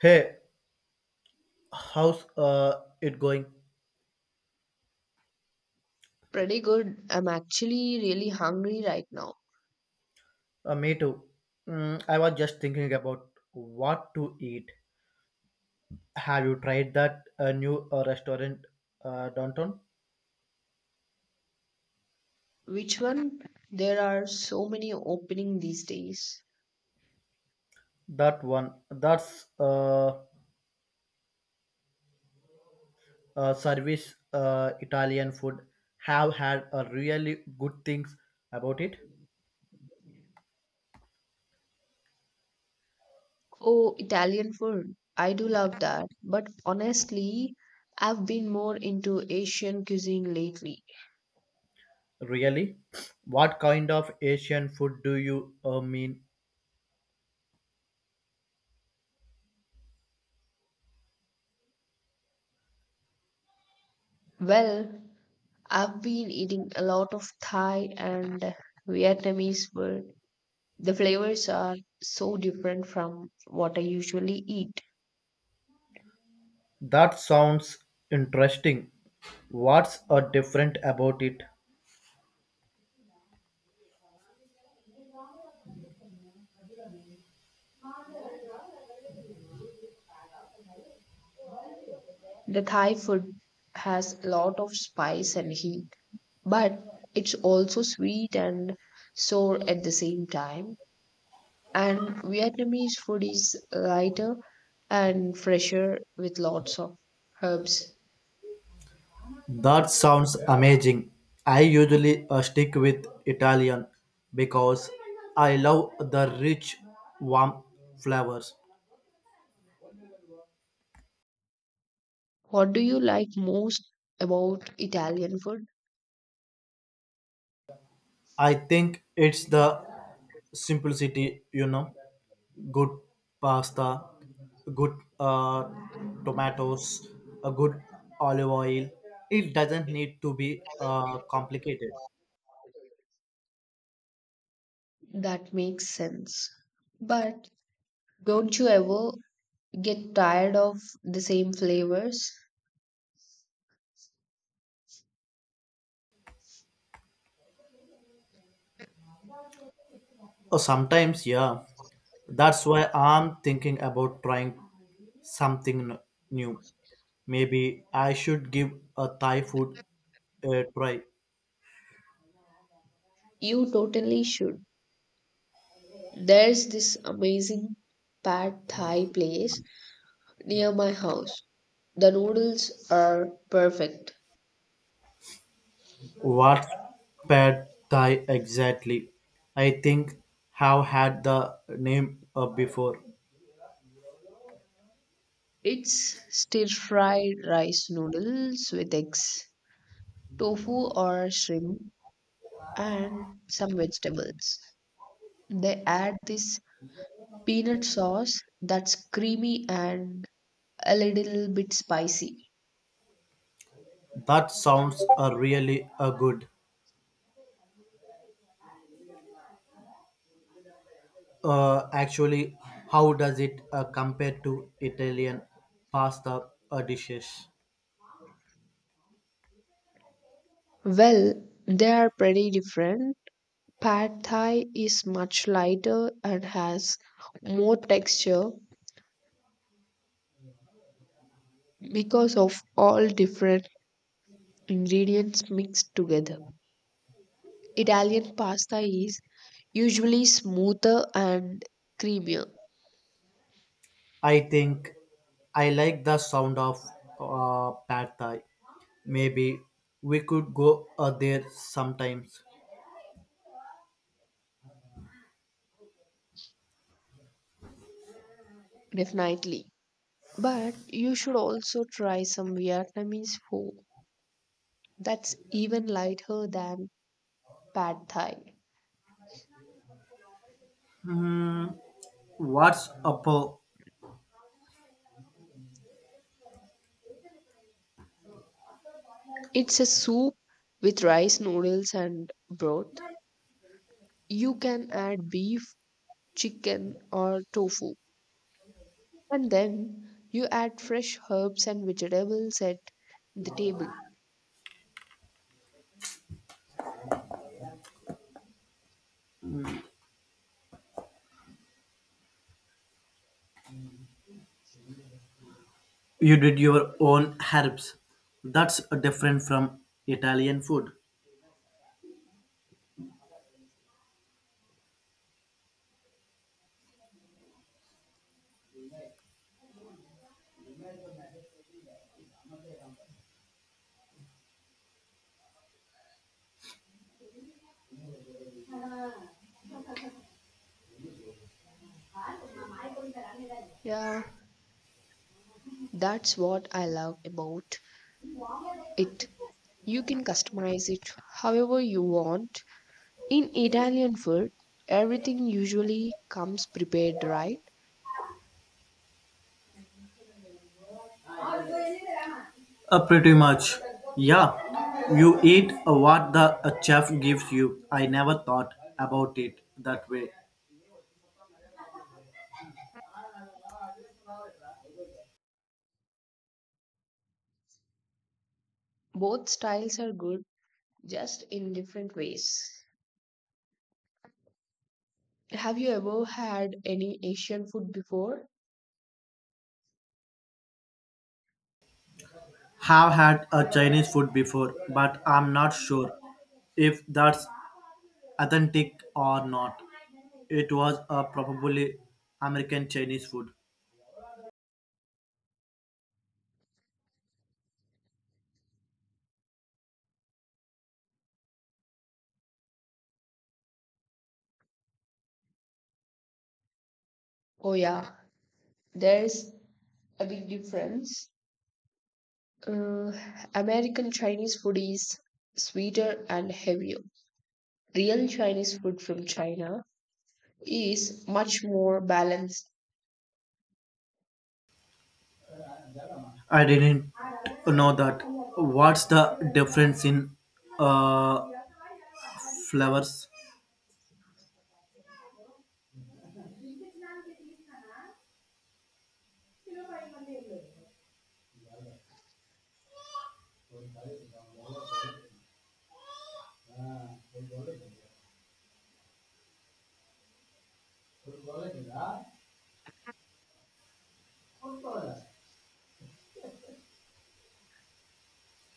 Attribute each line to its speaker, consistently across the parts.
Speaker 1: Hey, how's it going?
Speaker 2: Pretty good. I'm actually really hungry right now.
Speaker 1: Me too. Mm, I was just thinking about what to eat. Have you tried that new restaurant downtown?
Speaker 2: Which one? There are so many opening these days.
Speaker 1: That one. That's service Italian food. Have had really good things about it.
Speaker 2: Oh, Italian food. I do love that. But honestly, I've been more into Asian cuisine lately.
Speaker 1: Really? What kind of Asian food do you mean?
Speaker 2: Well, I've been eating a lot of Thai and Vietnamese food. The flavors are so different from what I usually eat.
Speaker 1: That sounds interesting. What's different about it?
Speaker 2: The Thai food has a lot of spice and heat but it's also sweet and sour at the same time. And Vietnamese food is lighter and fresher with lots of herbs.
Speaker 1: That sounds amazing. I usually stick with Italian because I love the rich, warm flavors.
Speaker 2: What do you like most about Italian food?
Speaker 1: I think it's the simplicity, you know, good pasta, good tomatoes, a good olive oil. It doesn't need to be complicated.
Speaker 2: That makes sense. But don't you ever get tired of the same flavors?
Speaker 1: Sometimes, yeah. That's why I'm thinking about trying something n- new. Maybe I should give a Thai food a try.
Speaker 2: You totally should. There's this amazing pad thai place near my house. The noodles are perfect.
Speaker 1: What's pad Thai exactly? I think have had the name before.
Speaker 2: It's stir fried rice noodles with eggs, tofu or shrimp, and some vegetables. They add this peanut sauce that's creamy and a little bit spicy.
Speaker 1: That sounds really good. Actually, how does it compare to Italian pasta dishes?
Speaker 2: Well, they are pretty different. Pad Thai is much lighter and has more texture because of all different ingredients mixed together. Italian pasta is usually smoother and creamier,
Speaker 1: I think I like the sound of pad Thai. Maybe we could go there sometimes.
Speaker 2: definitely. But you should also try some Vietnamese food that's even lighter than pad thai.
Speaker 1: Hmm. What's up?
Speaker 2: It's a soup with rice noodles and broth. You can add beef, chicken, or tofu, and then you add fresh herbs and vegetables at the table.
Speaker 1: You did your own herbs. That's different from Italian food.
Speaker 2: Yeah, that's what I love about it. You can customize it however you want. In Italian food, everything usually comes prepared right.
Speaker 1: Pretty much. Yeah. You eat what the chef gives you. I never thought about it that way.
Speaker 2: Both styles are good, just in different ways. Have you ever had any Asian food before?
Speaker 1: Have had a Chinese food before, but I'm not sure if that's authentic or not. It was probably American Chinese food.
Speaker 2: Oh, yeah, there's a big difference. Uh, American Chinese food is sweeter and heavier. Real Chinese food from China is much more balanced.
Speaker 1: I didn't know that. What's the difference in uh, flavors?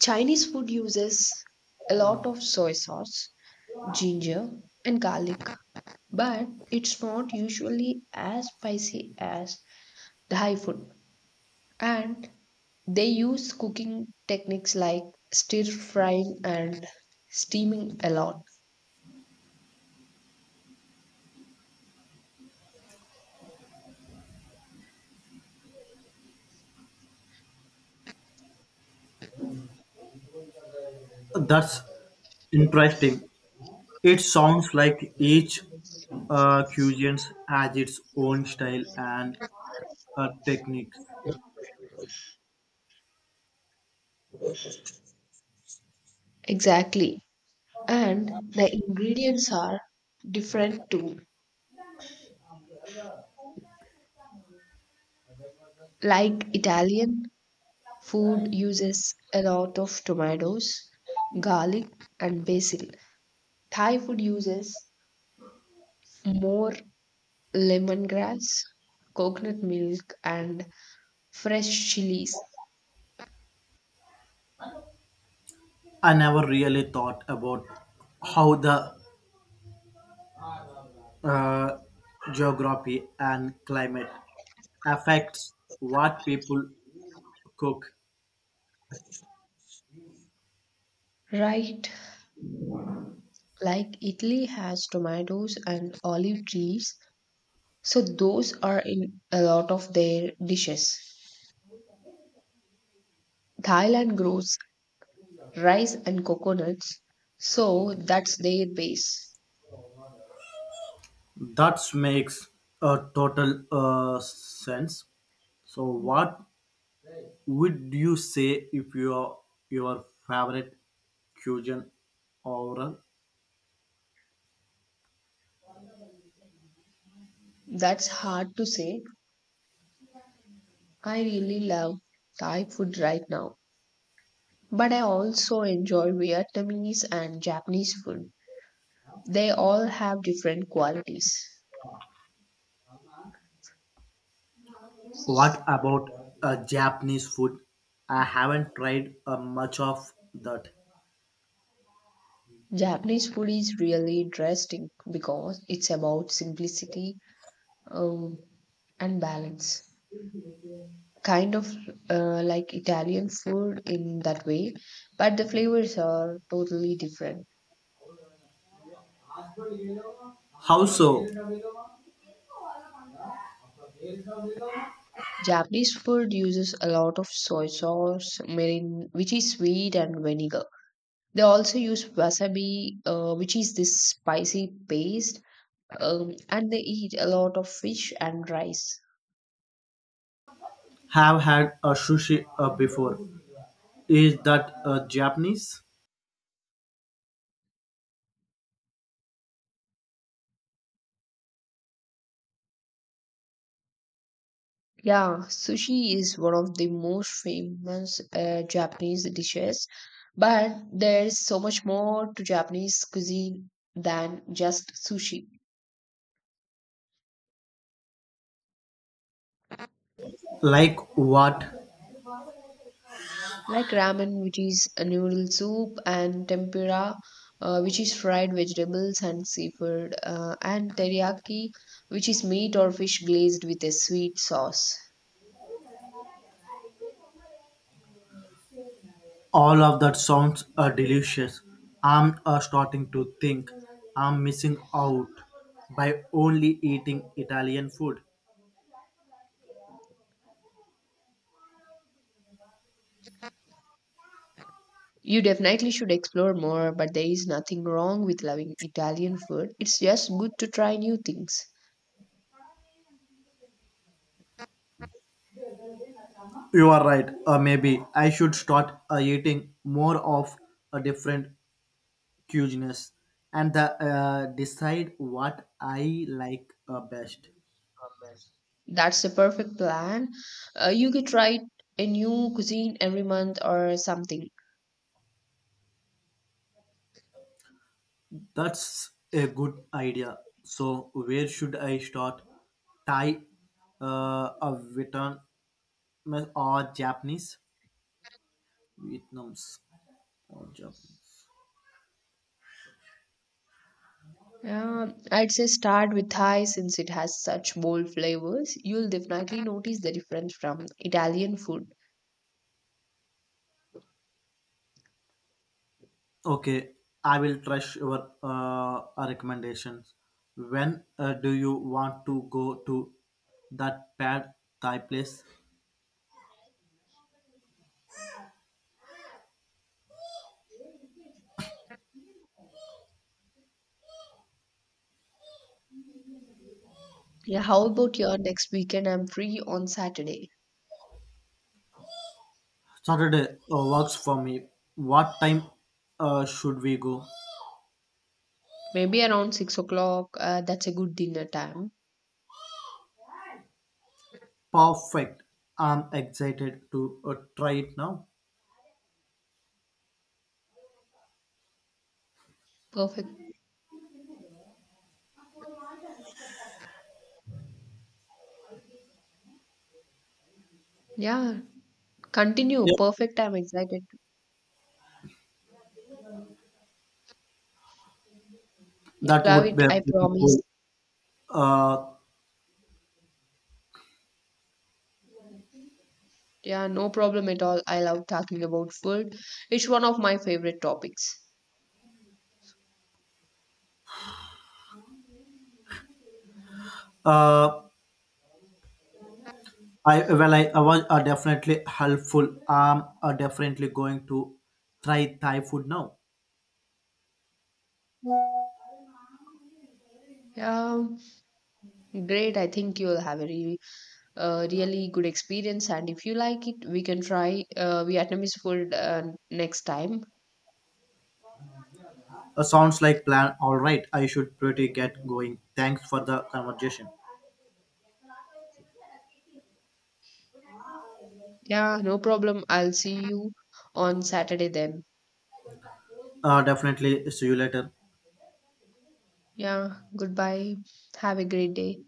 Speaker 2: Chinese food uses a lot of soy sauce, ginger, and garlic, but it's not usually as spicy as Thai food. And they use cooking techniques like stir frying and steaming a lot.
Speaker 1: That's interesting. It sounds like each cuisine has its own style and techniques.
Speaker 2: Exactly. And the ingredients are different too. Like Italian food uses a lot of tomatoes, garlic, and basil. Thai food uses more lemongrass, coconut milk, and fresh chilies,
Speaker 1: I never really thought about how the uh, geography and climate affects what people cook.
Speaker 2: right? Like Italy has tomatoes and olive trees, so those are in a lot of their dishes. Thailand grows rice and coconuts, so that's their base.
Speaker 1: That makes a total sense. So, what would you say if your favorite cuisine oral?
Speaker 2: That's hard to say. I really love Thai food right now, but I also enjoy Vietnamese and Japanese food. They all have different qualities.
Speaker 1: What about Japanese food? I haven't tried much of that.
Speaker 2: Japanese food is really interesting because it's about simplicity um, and balance. Kind of like Italian food in that way, but the flavors are totally different.
Speaker 1: How so?
Speaker 2: Japanese food uses a lot of soy sauce, mirin, which is sweet, and vinegar. They also use wasabi, which is this spicy paste, and they eat a lot of fish and rice.
Speaker 1: Have had a sushi before. Is that Japanese?
Speaker 2: Yeah, sushi is one of the most famous Japanese dishes, but there's so much more to Japanese cuisine than just sushi.
Speaker 1: Like what?
Speaker 2: Like ramen, which is a noodle soup, and tempura, which is fried vegetables and seafood, and teriyaki, which is meat or fish glazed with a sweet sauce.
Speaker 1: All of that sounds delicious. I'm starting to think I'm missing out by only eating Italian food.
Speaker 2: You definitely should explore more, but there is nothing wrong with loving Italian food. It's just good to try new things.
Speaker 1: You are right. Maybe I should start eating more of a different cuisines and decide what I like best.
Speaker 2: That's the perfect plan. You could try a new cuisine every month or something.
Speaker 1: That's a good idea. So where should I start? Thai, a Vietnam or Japanese? Vietnam's or Japanese.
Speaker 2: Yeah, I'd say start with Thai since it has such bold flavors. You'll definitely notice the difference from Italian food.
Speaker 1: Okay, I will trust your recommendations. When do you want to go to that pad Thai place?
Speaker 2: Yeah, how about your next weekend? I'm free on Saturday.
Speaker 1: Saturday works for me. What time should we go?
Speaker 2: Maybe around 6 o'clock. That's a good dinner time.
Speaker 1: Perfect. I'm excited to try it now.
Speaker 2: Perfect. Yeah, continue.
Speaker 1: Yeah,
Speaker 2: Perfect. I'm excited. You
Speaker 1: that
Speaker 2: love
Speaker 1: would
Speaker 2: it,
Speaker 1: be
Speaker 2: I
Speaker 1: pretty
Speaker 2: promise.
Speaker 1: cool. Uh,
Speaker 2: Yeah, no problem at all. I love talking about food. It's one of my favorite topics.
Speaker 1: uh, I well, I was definitely helpful. I'm definitely going to try Thai food now.
Speaker 2: Yeah, great. I think you'll have a really, really good experience. And if you like it, we can try Vietnamese food next time.
Speaker 1: Sounds like plan. All right, I should pretty get going. Thanks for the conversation.
Speaker 2: Yeah, no problem. I'll see you on Saturday then.
Speaker 1: Definitely. See you later.
Speaker 2: Yeah, goodbye. Have a great day.